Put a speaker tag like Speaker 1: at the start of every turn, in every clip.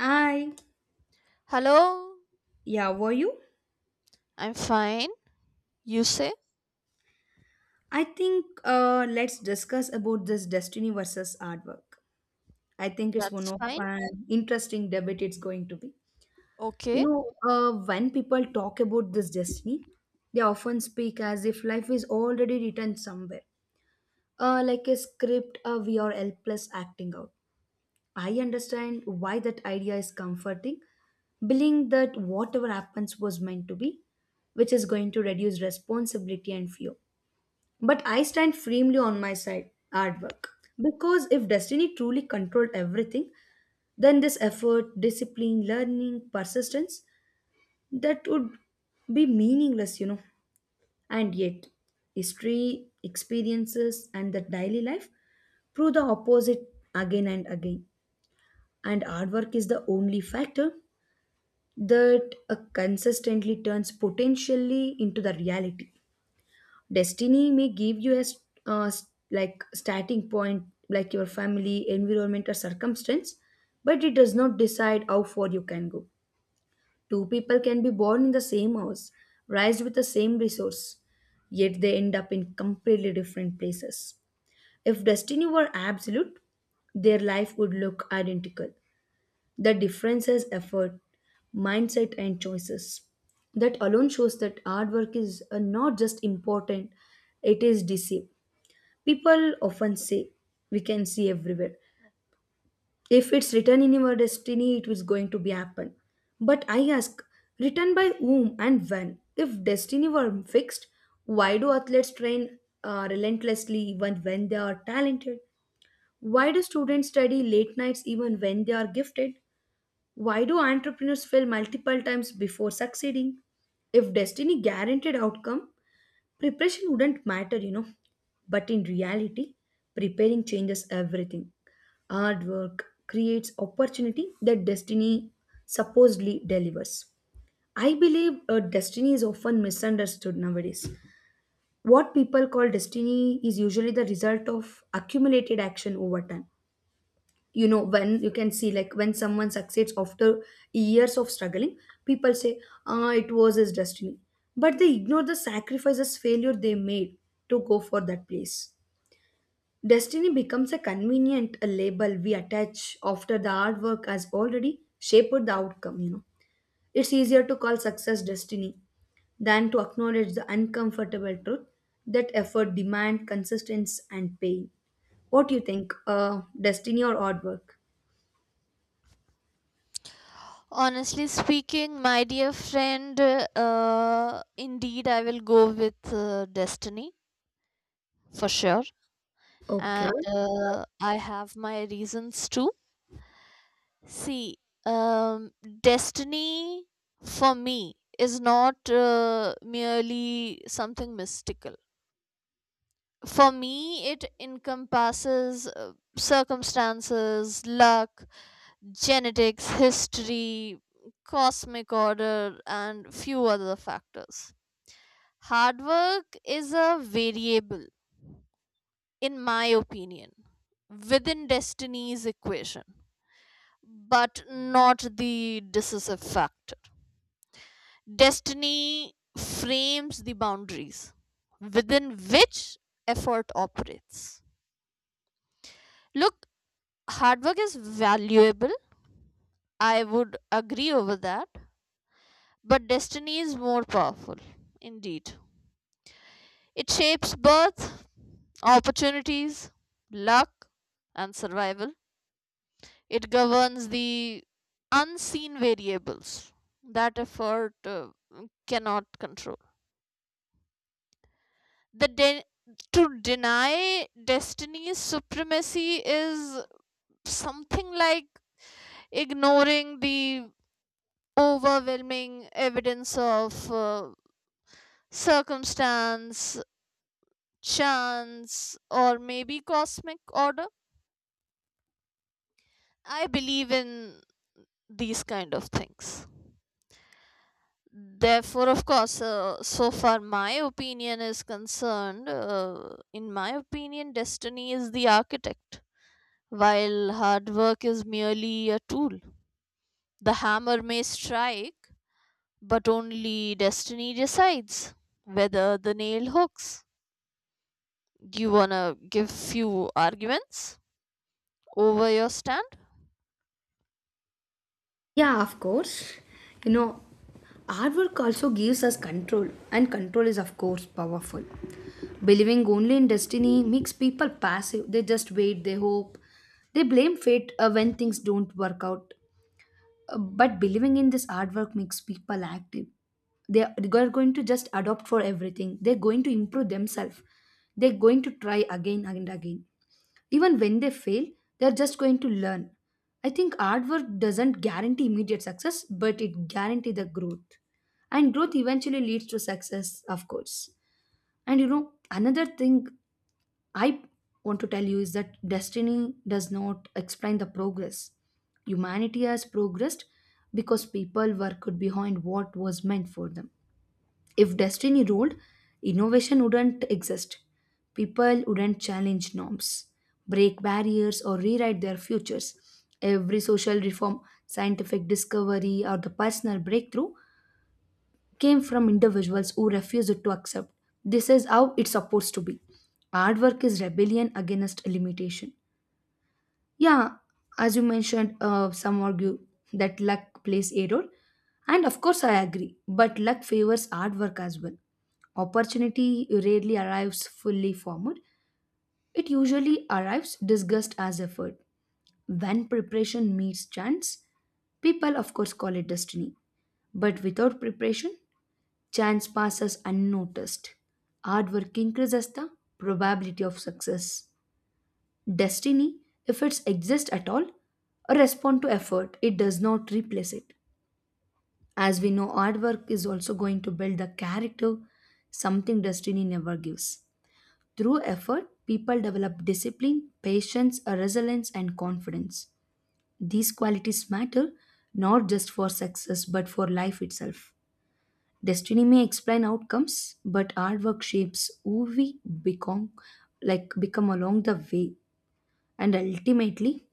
Speaker 1: Hi,
Speaker 2: Hello,
Speaker 1: yeah, were you?
Speaker 2: I'm fine. You say?
Speaker 1: I think let's discuss about this destiny versus artwork. I think it's one
Speaker 2: That's
Speaker 1: of
Speaker 2: fine.
Speaker 1: an interesting debate it's going to be.
Speaker 2: Okay.
Speaker 1: When people talk about this destiny, they often speak as if life is already written somewhere, like a script we are helpless acting out. I understand why that idea is comforting, believing that whatever happens was meant to be, which is going to reduce responsibility and fear. But I stand firmly on my side, hard work. Because if destiny truly controlled everything, then this effort, discipline, learning, persistence, that would be meaningless. And yet, history, experiences, and the daily life prove the opposite again and again. And hard work is the only factor that consistently turns potentially into the reality. Destiny may give you a like starting point, like your family environment or circumstance, but it does not decide how far you can go. Two people can be born in the same house, raised with the same resource, yet they end up in completely different places. If destiny were absolute, their life would look identical. The difference is effort, mindset and choices. That alone shows that hard work is not just important, it is decisive. People often say, we can see everywhere. If it's written in your destiny, it was going to be happen. But I ask, written by whom and when? If destiny were fixed, why do athletes train relentlessly even when they are talented? Why do students study late nights even when they are gifted? Why do entrepreneurs fail multiple times before succeeding? If destiny guaranteed outcome, preparation wouldn't matter, but in reality, preparing changes everything. Hard work creates opportunity that destiny supposedly delivers. I believe destiny is often misunderstood nowadays. What people call destiny is usually the result of accumulated action over time. When you can see, like when someone succeeds after years of struggling, people say, ah, it was his destiny. But they ignore the sacrifices failure they made to go for that place. Destiny becomes a convenient a label we attach after the hard work has already shaped the outcome. It's easier to call success destiny than to acknowledge the uncomfortable truth that effort demand consistency and pain. What do you think, destiny or hard work?
Speaker 2: Honestly speaking, my dear friend, indeed I will go with destiny for sure.
Speaker 1: Okay.
Speaker 2: And I have my reasons too. See, um, destiny for me is not merely something mystical. For me, it encompasses circumstances, luck, genetics, history, cosmic order, and few other factors. Hard work is a variable, in my opinion, within destiny's equation, but not the decisive factor. Destiny frames the boundaries within which effort operates. Look, hard work is valuable. I would agree over that, but destiny is more powerful. Indeed. It shapes birth, opportunities, luck, and survival. It governs the unseen variables that effort cannot control. The de- to deny destiny's supremacy is something like ignoring the overwhelming evidence of circumstance, chance, or maybe cosmic order. I believe in these kind of things. Therefore, of course, so far my opinion is concerned, in my opinion, destiny is the architect, while hard work is merely a tool. The hammer may strike, but only destiny decides whether the nail hooks. Do you want to give few arguments over your stand?
Speaker 1: Yeah, of course. You know, Artwork also gives us control, and control is, of course, powerful. Believing only in destiny makes people passive. They just wait, they hope, they blame fate when things don't work out. But believing in this artwork makes people active. They are going to just adopt for everything, they're going to improve themselves, they're going to try again and again. Even when they fail, they're just going to learn. I think hard work doesn't guarantee immediate success, but it guarantees the growth. And growth eventually leads to success, of course. And another thing I want to tell you is that destiny does not explain the progress. Humanity has progressed because people worked behind what was meant for them. If destiny ruled, innovation wouldn't exist. People wouldn't challenge norms, break barriers, or rewrite their futures. Every social reform, scientific discovery, or the personal breakthrough came from individuals who refused to accept. This is how it's supposed to be. Hard work is rebellion against limitation. Yeah, as you mentioned, some argue that luck plays a role, and of course, I agree. But luck favors hard work as well. Opportunity rarely arrives fully formed, it usually arrives disguised as effort. When preparation meets chance, people, of course, call it destiny. But without preparation, chance passes unnoticed. Hard work increases the probability of success. Destiny, if it exists at all, respond to effort. It does not replace it. As we know, hard work is also going to build the character, something destiny never gives. Through effort, people develop discipline, patience, resilience, and confidence. These qualities matter not just for success but for life itself. Destiny may explain outcomes, but hard work shapes who we become, like become along the way. And ultimately,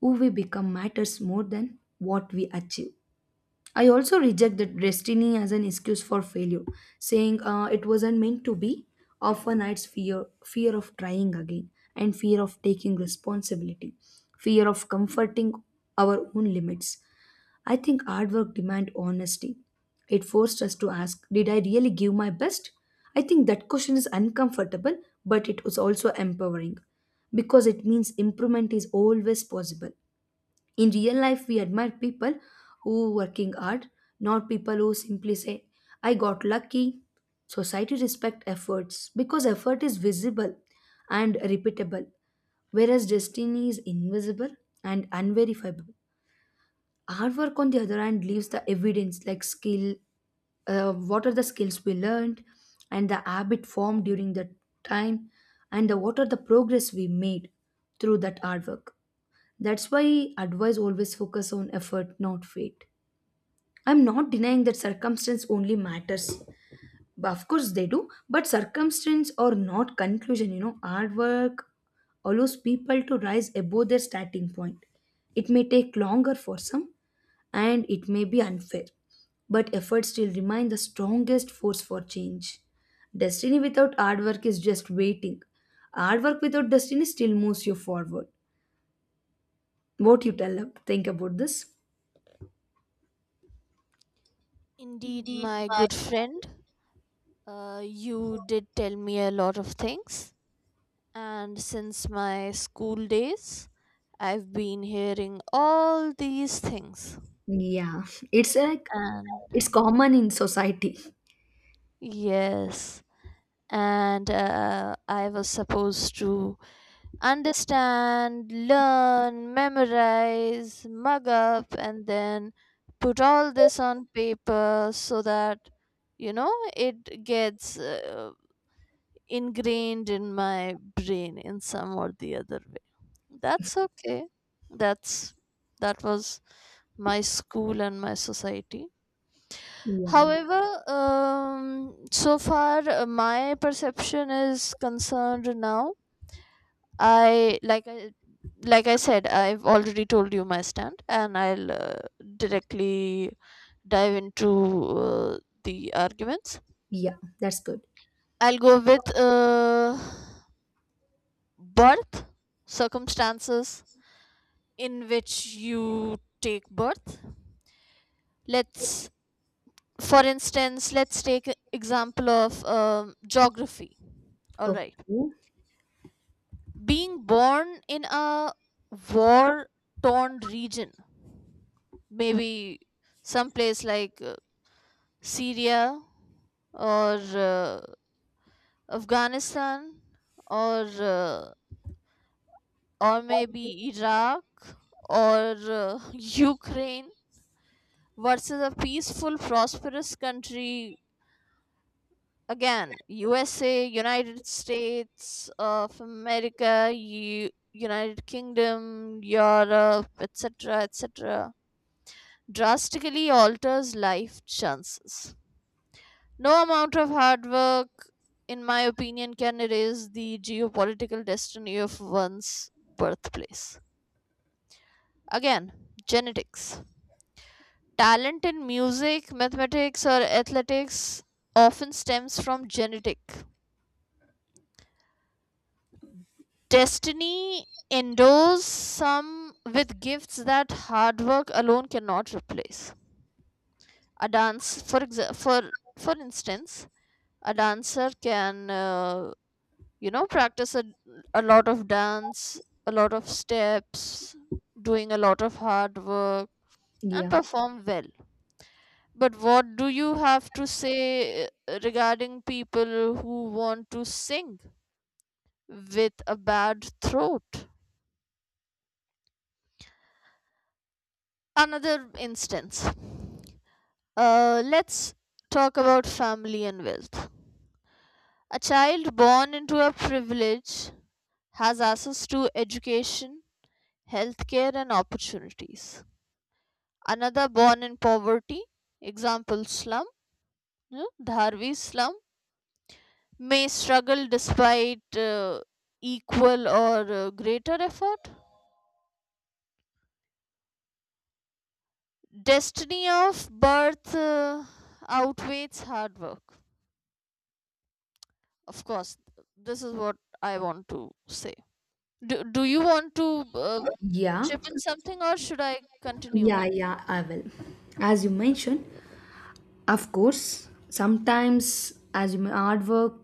Speaker 1: who we become matters more than what we achieve. I also reject that destiny as an excuse for failure, saying it wasn't meant to be. Often it's fear, fear of trying again, and fear of taking responsibility, fear of comforting our own limits. I think hard work demand honesty. It forced us to ask, did I really give my best? I think that question is uncomfortable, but it was also empowering because it means improvement is always possible. In real life, we admire people who working hard, not people who simply say, I got lucky. Society respect efforts because effort is visible and repeatable, whereas destiny is invisible and unverifiable. Hard work, on the other hand, leaves the evidence like skill, what are the skills we learned and the habit formed during that time, and the, what are the progress we made through that hard work. That's why advice always focus on effort, not fate. I'm not denying that circumstance only matters. But of course they do, but circumstance or not conclusion, hard work allows people to rise above their starting point. It may take longer for some and it may be unfair, but effort still remain the strongest force for change. Destiny without hard work is just waiting. Hard work without destiny still moves you forward. What you tell think about this?
Speaker 2: Indeed,
Speaker 1: Indeed,
Speaker 2: my
Speaker 1: my.
Speaker 2: good friend, you did tell me a lot of things. And since my school days, I've been hearing all these things.
Speaker 1: Yeah, it's like
Speaker 2: And
Speaker 1: it's common in society.
Speaker 2: yes, and I was supposed to understand, learn, memorize, mug up, and then put all this on paper so that, it gets ingrained in my brain in some or the other way. That's okay. That's that was my school and my society.
Speaker 1: Yeah,
Speaker 2: However, so far my perception is concerned now. I like I like I said, I've already told you my stand, and I'll directly dive into the arguments.
Speaker 1: yeah, that's good.
Speaker 2: I'll go with birth circumstances in which you take birth. Let's, for instance, let's take an example of geography. All right.
Speaker 1: Okay,
Speaker 2: Being born in a war torn region, maybe someplace like Syria or Afghanistan or uh, or maybe Iraq or Ukraine versus a peaceful prosperous country. Again, USA, United States of America, United Kingdom, Europe, etc, etc, drastically alters life chances. No amount of hard work, in my opinion, can erase the geopolitical destiny of one's birthplace. Again, genetics. Talent in music, mathematics, or athletics often stems from genetic. Destiny endows some with gifts that hard work alone cannot replace. A dance, for exa- for instance, a dancer can practice a lot of dance, a lot of steps, doing a lot of hard work, and
Speaker 1: yeah,
Speaker 2: perform well. But what do you have to say regarding people who want to sing with a bad throat? Another instance. Let's talk about family and wealth. A child born into a privilege has access to education, healthcare, and opportunities. Another born in poverty, example slum, yeah, Dharvi slum, may struggle despite equal or greater effort. Destiny of birth outweighs hard work. Of course, this is what I want to say. Do you want to uh,
Speaker 1: yeah,
Speaker 2: chip in something or should I continue?
Speaker 1: yeah, yeah. I will. As you mentioned, of course, sometimes hard work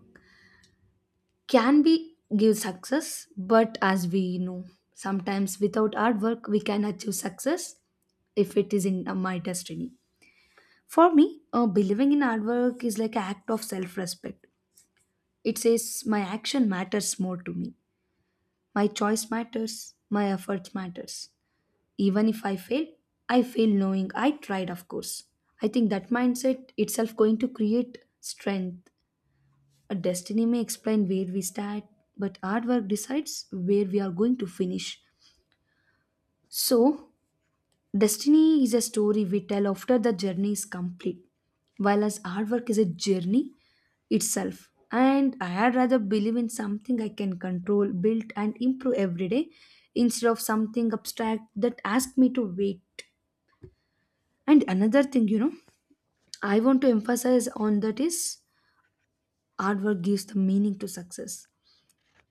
Speaker 1: can be give success, but as we know, sometimes without hard work we can achieve success if it is in my destiny. For me, believing in hard work is like an act of self respect. It says, my action matters more to me. My choice matters. My effort matters. Even if I fail, I fail knowing I tried, of course. I think that mindset itself going to create strength. A destiny may explain where we start, but hard work decides where we are going to finish. So destiny is a story we tell after the journey is complete, while as hard work is a journey itself. And I'd rather believe in something I can control, build, and improve every day instead of something abstract that asks me to wait. And another thing, I want to emphasize on that is hard work gives the meaning to success.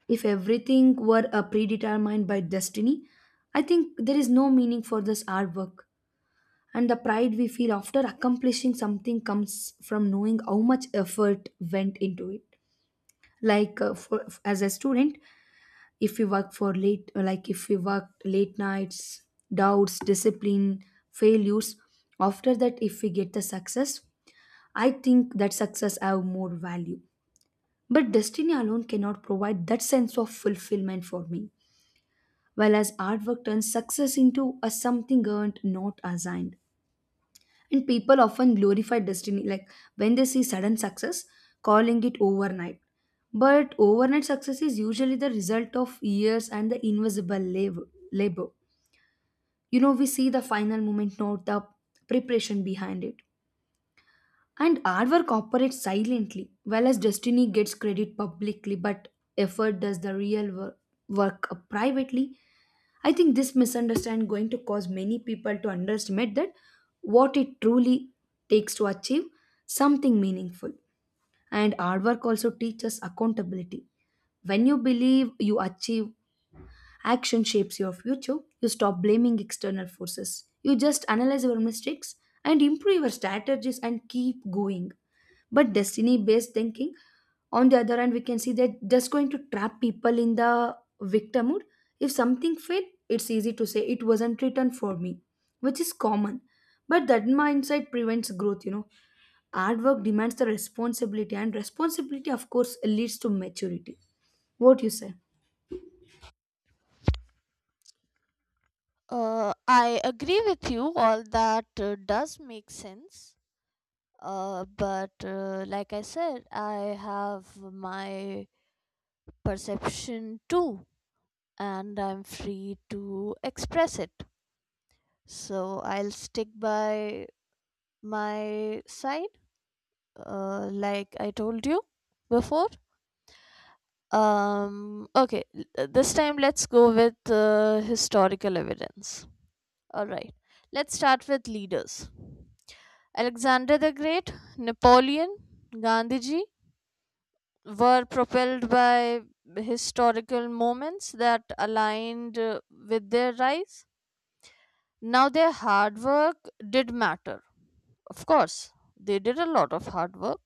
Speaker 1: If everything were predetermined by destiny, I think there is no meaning for this hard work. And the pride we feel after accomplishing something comes from knowing how much effort went into it. Like as a student, if we work for late, like if we worked late nights, doubts, discipline, failures, after that, if we get the success, I think that success have more value. But destiny alone cannot provide that sense of fulfillment for me. Whereas hard work turns success into a something earned, not assigned. And people often glorify destiny, like when they see sudden success, calling it overnight. But overnight success is usually the result of years and the invisible labor. You know, we see the final moment, not the preparation behind it. And hard work operates silently, while as destiny gets credit publicly, but effort does the real work privately. I think this misunderstanding going to cause many people to underestimate that what it truly takes to achieve something meaningful. And hard work also teaches accountability. When you believe you achieve, action shapes your future. You stop blaming external forces. You just analyze your mistakes and improve your strategies and keep going. But destiny based thinking, on the other hand, we can see that just going to trap people in the victimhood. If something failed, it's easy to say it wasn't written for me, which is common. But that mindset prevents growth. Hard work demands the responsibility, and responsibility of course leads to maturity. What you say?
Speaker 2: I agree with you. All that does make sense. But like I said, I have my perception too, and I'm free to express it. So I'll stick by my side, like I told you before. Okay, this time let's go with historical evidence. All right, let's start with leaders. Alexander the Great, Napoleon, Gandhiji were propelled by historical moments that aligned with their rise. Now, their hard work did matter. Of course, they did a lot of hard work,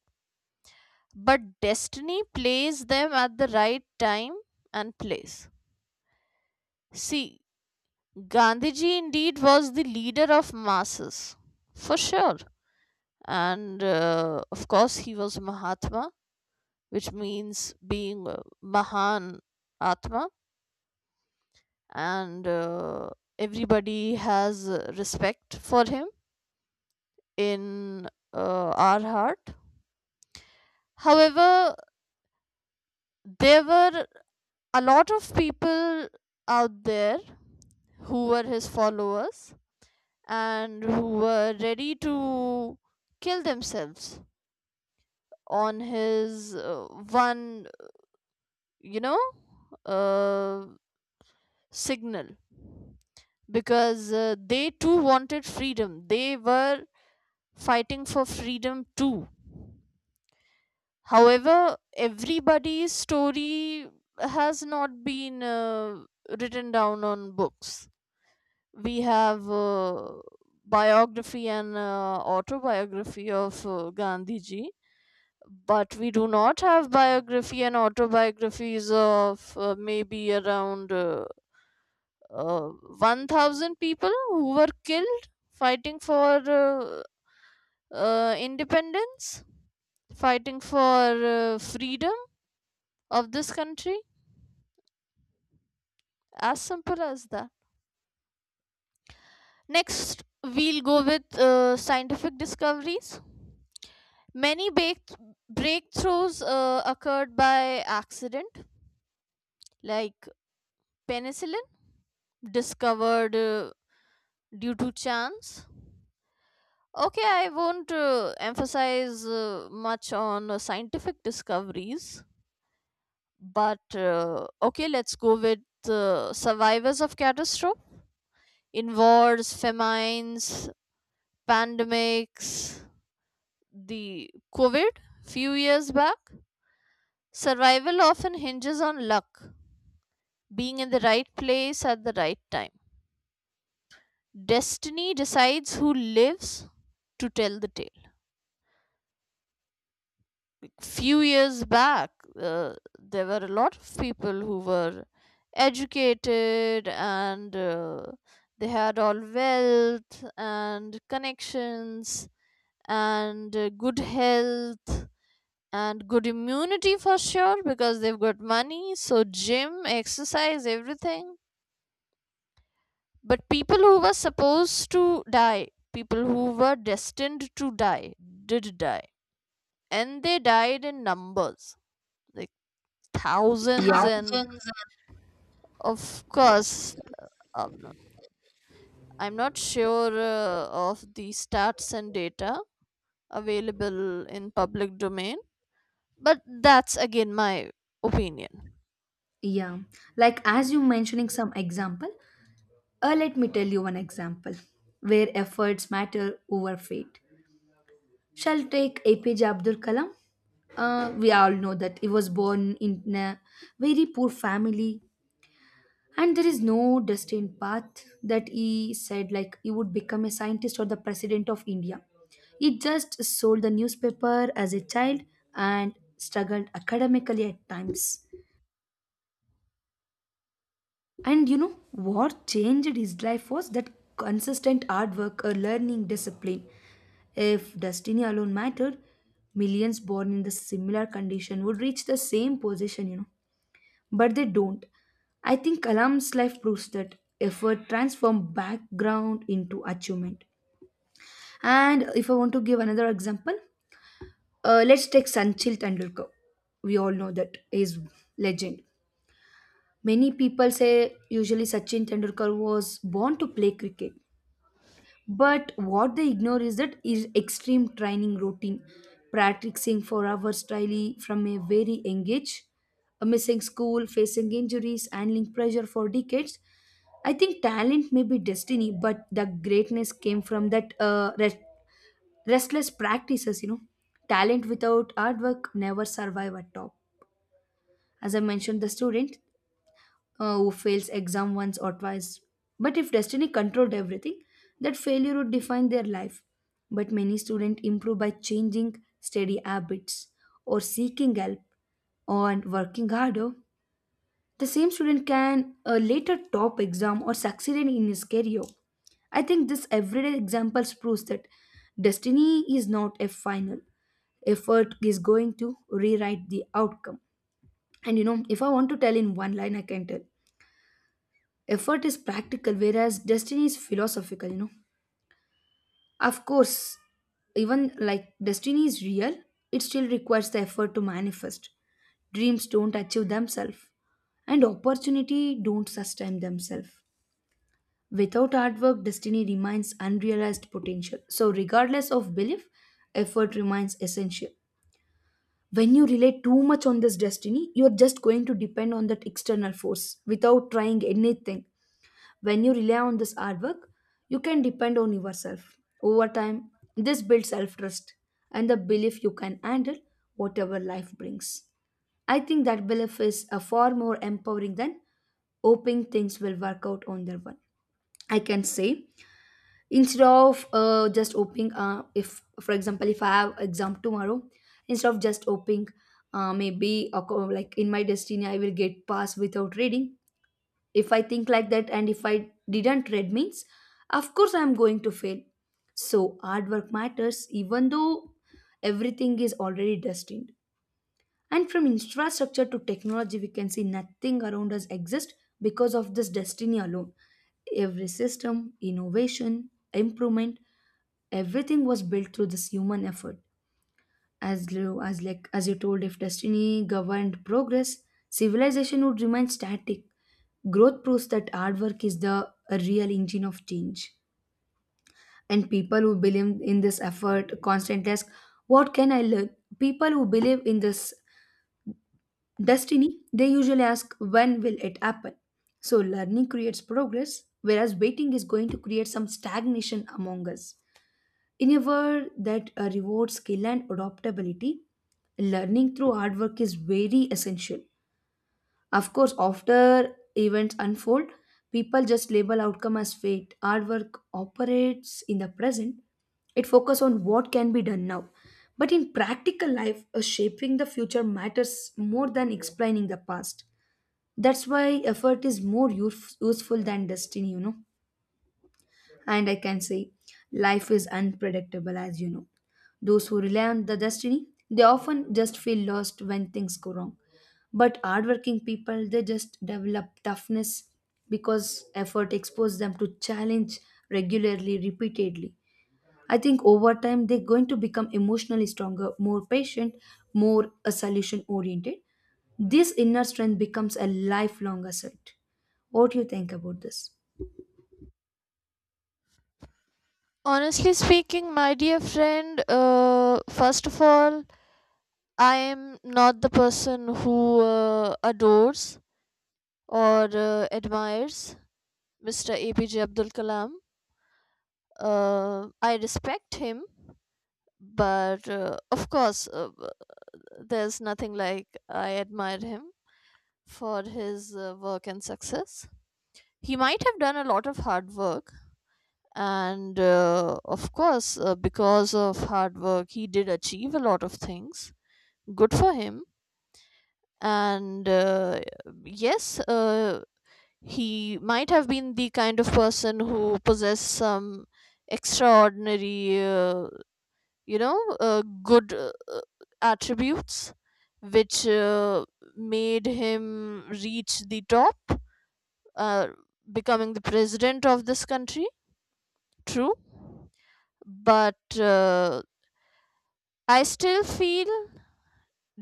Speaker 2: but destiny placed them at the right time and place. See, Gandhiji indeed was the leader of masses, for sure. And of course, he was Mahatma, which means being a Mahan Atma, and everybody has respect for him in our heart. However, there were a lot of people out there who were his followers and who were ready to kill themselves on his one you know uh, signal, because they too wanted freedom. They were fighting for freedom too. However, everybody's story has not been written down on books. We have biography and autobiography of Gandhiji, but we do not have biography and autobiographies of maybe around uh, 1,000 people who were killed fighting for uh, independence, fighting for freedom of this country. As simple as that. Next, we'll go with scientific discoveries. Many breakthroughs occurred by accident, like penicillin, discovered due to chance? Okay, I won't emphasize much on scientific discoveries, but okay, let's go with survivors of catastrophe in wars, famines, pandemics, the COVID few years back. Survival often hinges on luck, being in the right place at the right time. Destiny decides who lives to tell the tale. Few years back, there were a lot of people who were educated, and they had all wealth and connections and good health and good immunity for sure, because they've got money, so gym, exercise, everything. But people who were supposed to die, people who were destined to die, did die. And they died in numbers, thousands.
Speaker 1: Yeah.
Speaker 2: And of course, um, I'm not sure of the stats and data available in public domain, but that's again my opinion.
Speaker 1: Yeah, like as you mentioning some example, let me tell you one example where efforts matter over fate. Shall take APJ Abdul Kalam. We all know that he was born in a very poor family, and there is no destined path that he said like he would become a scientist or the president of India. He just sold the newspaper as a child and struggled academically at times. And you know what changed his life was that consistent hard work, a learning discipline. If destiny alone mattered, millions born in the similar condition would reach the same position. But they don't. I think Kalam's life proves that effort transforms background into achievement. And if I want to give another example, let's take Sanchil Tendulkar. We all know that he's legend. Many people say usually Sachin Tendulkar was born to play cricket. But what they ignore is that is extreme training routine, practicing for hours daily from a very young age, missing school, facing injuries, handling pressure for decades. I think talent may be destiny, but the greatness came from that restless practices. You know, talent without hard work never survive at top. As I mentioned, the student who fails exam once or twice. But if destiny controlled everything, that failure would define their life. But many students improve by changing steady habits or seeking help and working harder. The same student can later top exam or succeed in his career. I think this everyday examples proves that destiny is not a final effort is going to rewrite the outcome. And you know, if I want to tell in one line, I can tell effort is practical whereas destiny is philosophical, you know, of course, even like destiny is real, it still requires the effort to manifest. Dreams don't achieve themselves and opportunity don't sustain themselves. Without hard work destiny remains unrealized potential, so regardless of belief, effort remains essential. When you rely too much on this destiny, you're just going to depend on that external force without trying anything. When you rely on this artwork, you can depend on yourself. Over time, this builds self trust and the belief you can handle whatever life brings. I think that belief is a far more empowering than hoping things will work out on their own. I can say instead of just hoping, if for example, if I have exam tomorrow, instead of just hoping, like in my destiny I will get pass without reading. If I think like that and if I didn't read means, of course I'm going to fail. So hard work matters even though everything is already destined. And from infrastructure to technology we can see nothing around us exists because of this destiny alone. Every system, innovation, improvement, everything was built through this human effort. As like as you told, if destiny governed progress, civilization would remain static. Growth proves that hard work is the real engine of change. And people who believe in this effort, constant task, what can I learn? People who believe in this destiny, they usually ask, when will it happen? So learning creates progress, whereas waiting is going to create some stagnation among us. In a world that rewards skill and adaptability, learning through hard work is very essential. Of course, after events unfold, people just label outcome as fate. Artwork operates in the present. It focuses on what can be done now. But in practical life, shaping the future matters more than explaining the past. That's why effort is more useful than destiny, you know. And I can say life is unpredictable, as you know. Those who rely on the destiny, they often just feel lost when things go wrong. But hardworking people, they just develop toughness because effort exposes them to challenge regularly, repeatedly. I think over time they're going to become emotionally stronger, more patient, more a solution oriented. This inner strength becomes a lifelong asset. What do you think about this?
Speaker 2: Honestly speaking, my dear friend, first of all, I am not the person who adores or admires Mr. APJ Abdul Kalam. I respect him, but of course, there's nothing like I admire him for his work and success. He might have done a lot of hard work, and of course, because of hard work, he did achieve a lot of things. Good for him. And yes, he might have been the kind of person who possessed some extraordinary good attributes, which made him reach the top, uh, becoming the president of this country. True. But I still feel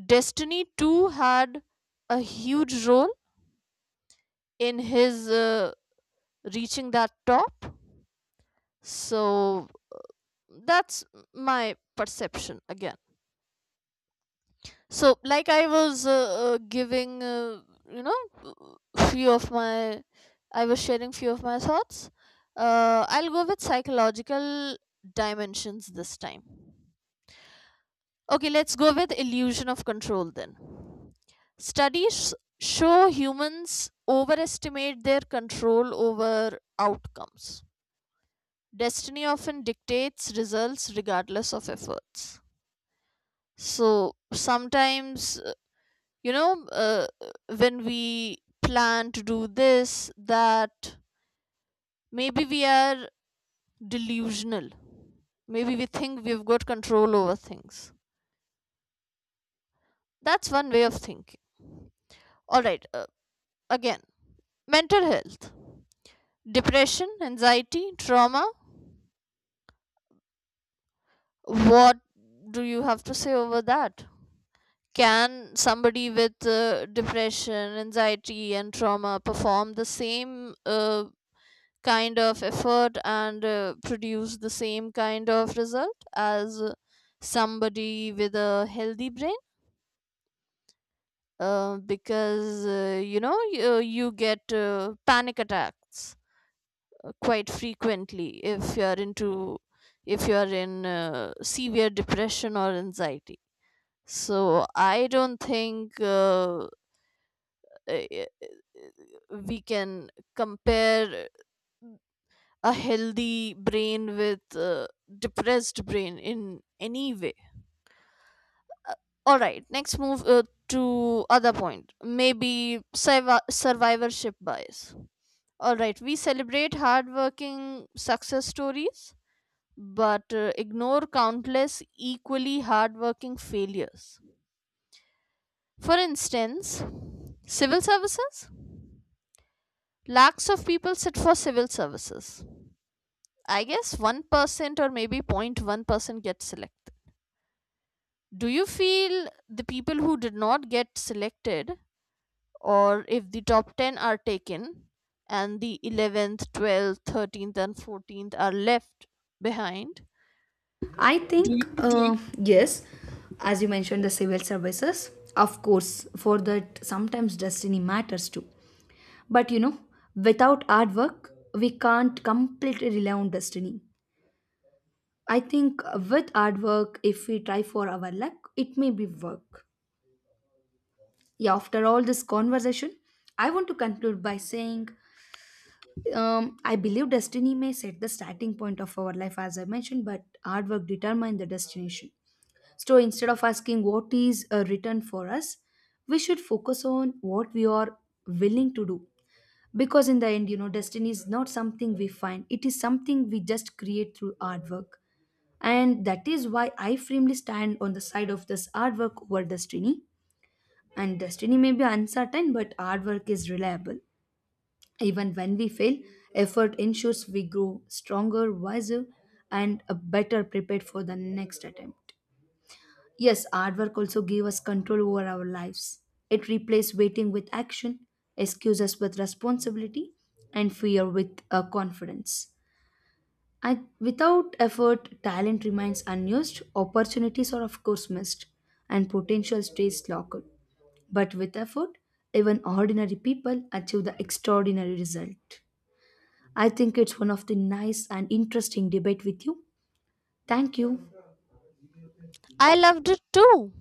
Speaker 2: destiny too had a huge role in his reaching that top. So that's my perception again. So, like I was giving you know few of my I was sharing few of my thoughts. I'll go with psychological dimensions this time. Okay, let's go with illusion of control then. Studies show humans overestimate their control over outcomes. Destiny often dictates results regardless of efforts. So sometimes, you know uh, when we plan to do this that, maybe we are delusional. Maybe we think we've got control over things. That's one way of thinking. All right, again, mental health, depression, anxiety, trauma. What do you have to say over that? Can somebody with depression, anxiety, and trauma perform the same uh, kind of effort and produce the same kind of result as somebody with a healthy brain? Because you get panic attacks quite frequently if you are into, if you are in severe depression or anxiety. So I don't think eh, eh, we can compare a healthy brain with a depressed brain in any way. All right, next move to other point. Maybe survivorship bias. All right, we celebrate hardworking success stories, but ignore countless equally hardworking failures. For instance, civil services. Lakhs of people sit for civil services. I guess 1% or maybe 0.1% get selected. Do you feel the people who did not get selected, or if the top 10 are taken and the 11th, 12th, 13th, and 14th are left behind?
Speaker 1: I
Speaker 2: Do
Speaker 1: think,
Speaker 2: you-
Speaker 1: yes, as you mentioned, the civil services, of course, for that, sometimes destiny matters too. But you know, without hard work, we can't completely rely on destiny. I think with hard work, if we try for our luck, it may be work. Yeah, after all this conversation, I want to conclude by saying I believe destiny may set the starting point of our life, as I mentioned, but hard work determines the destination. So instead of asking what is written for us, we should focus on what we are willing to do. Because in the end, you know, destiny is not something we find, it is something we just create through hard work. And that is why I firmly stand on the side of this hard work over destiny. And destiny may be uncertain, but hard work is reliable. Even when we fail, effort ensures we grow stronger, wiser, and better prepared for the next attempt. Yes, hard work also gave us control over our lives. It replaced waiting with action, excuses with responsibility, and fear with confidence. And without effort, talent remains unused, opportunities are, of course, missed, and potential stays locked. But with effort, even ordinary people achieve the extraordinary result. I think it's one of the nice and interesting debate with you. Thank you.
Speaker 2: I loved it too.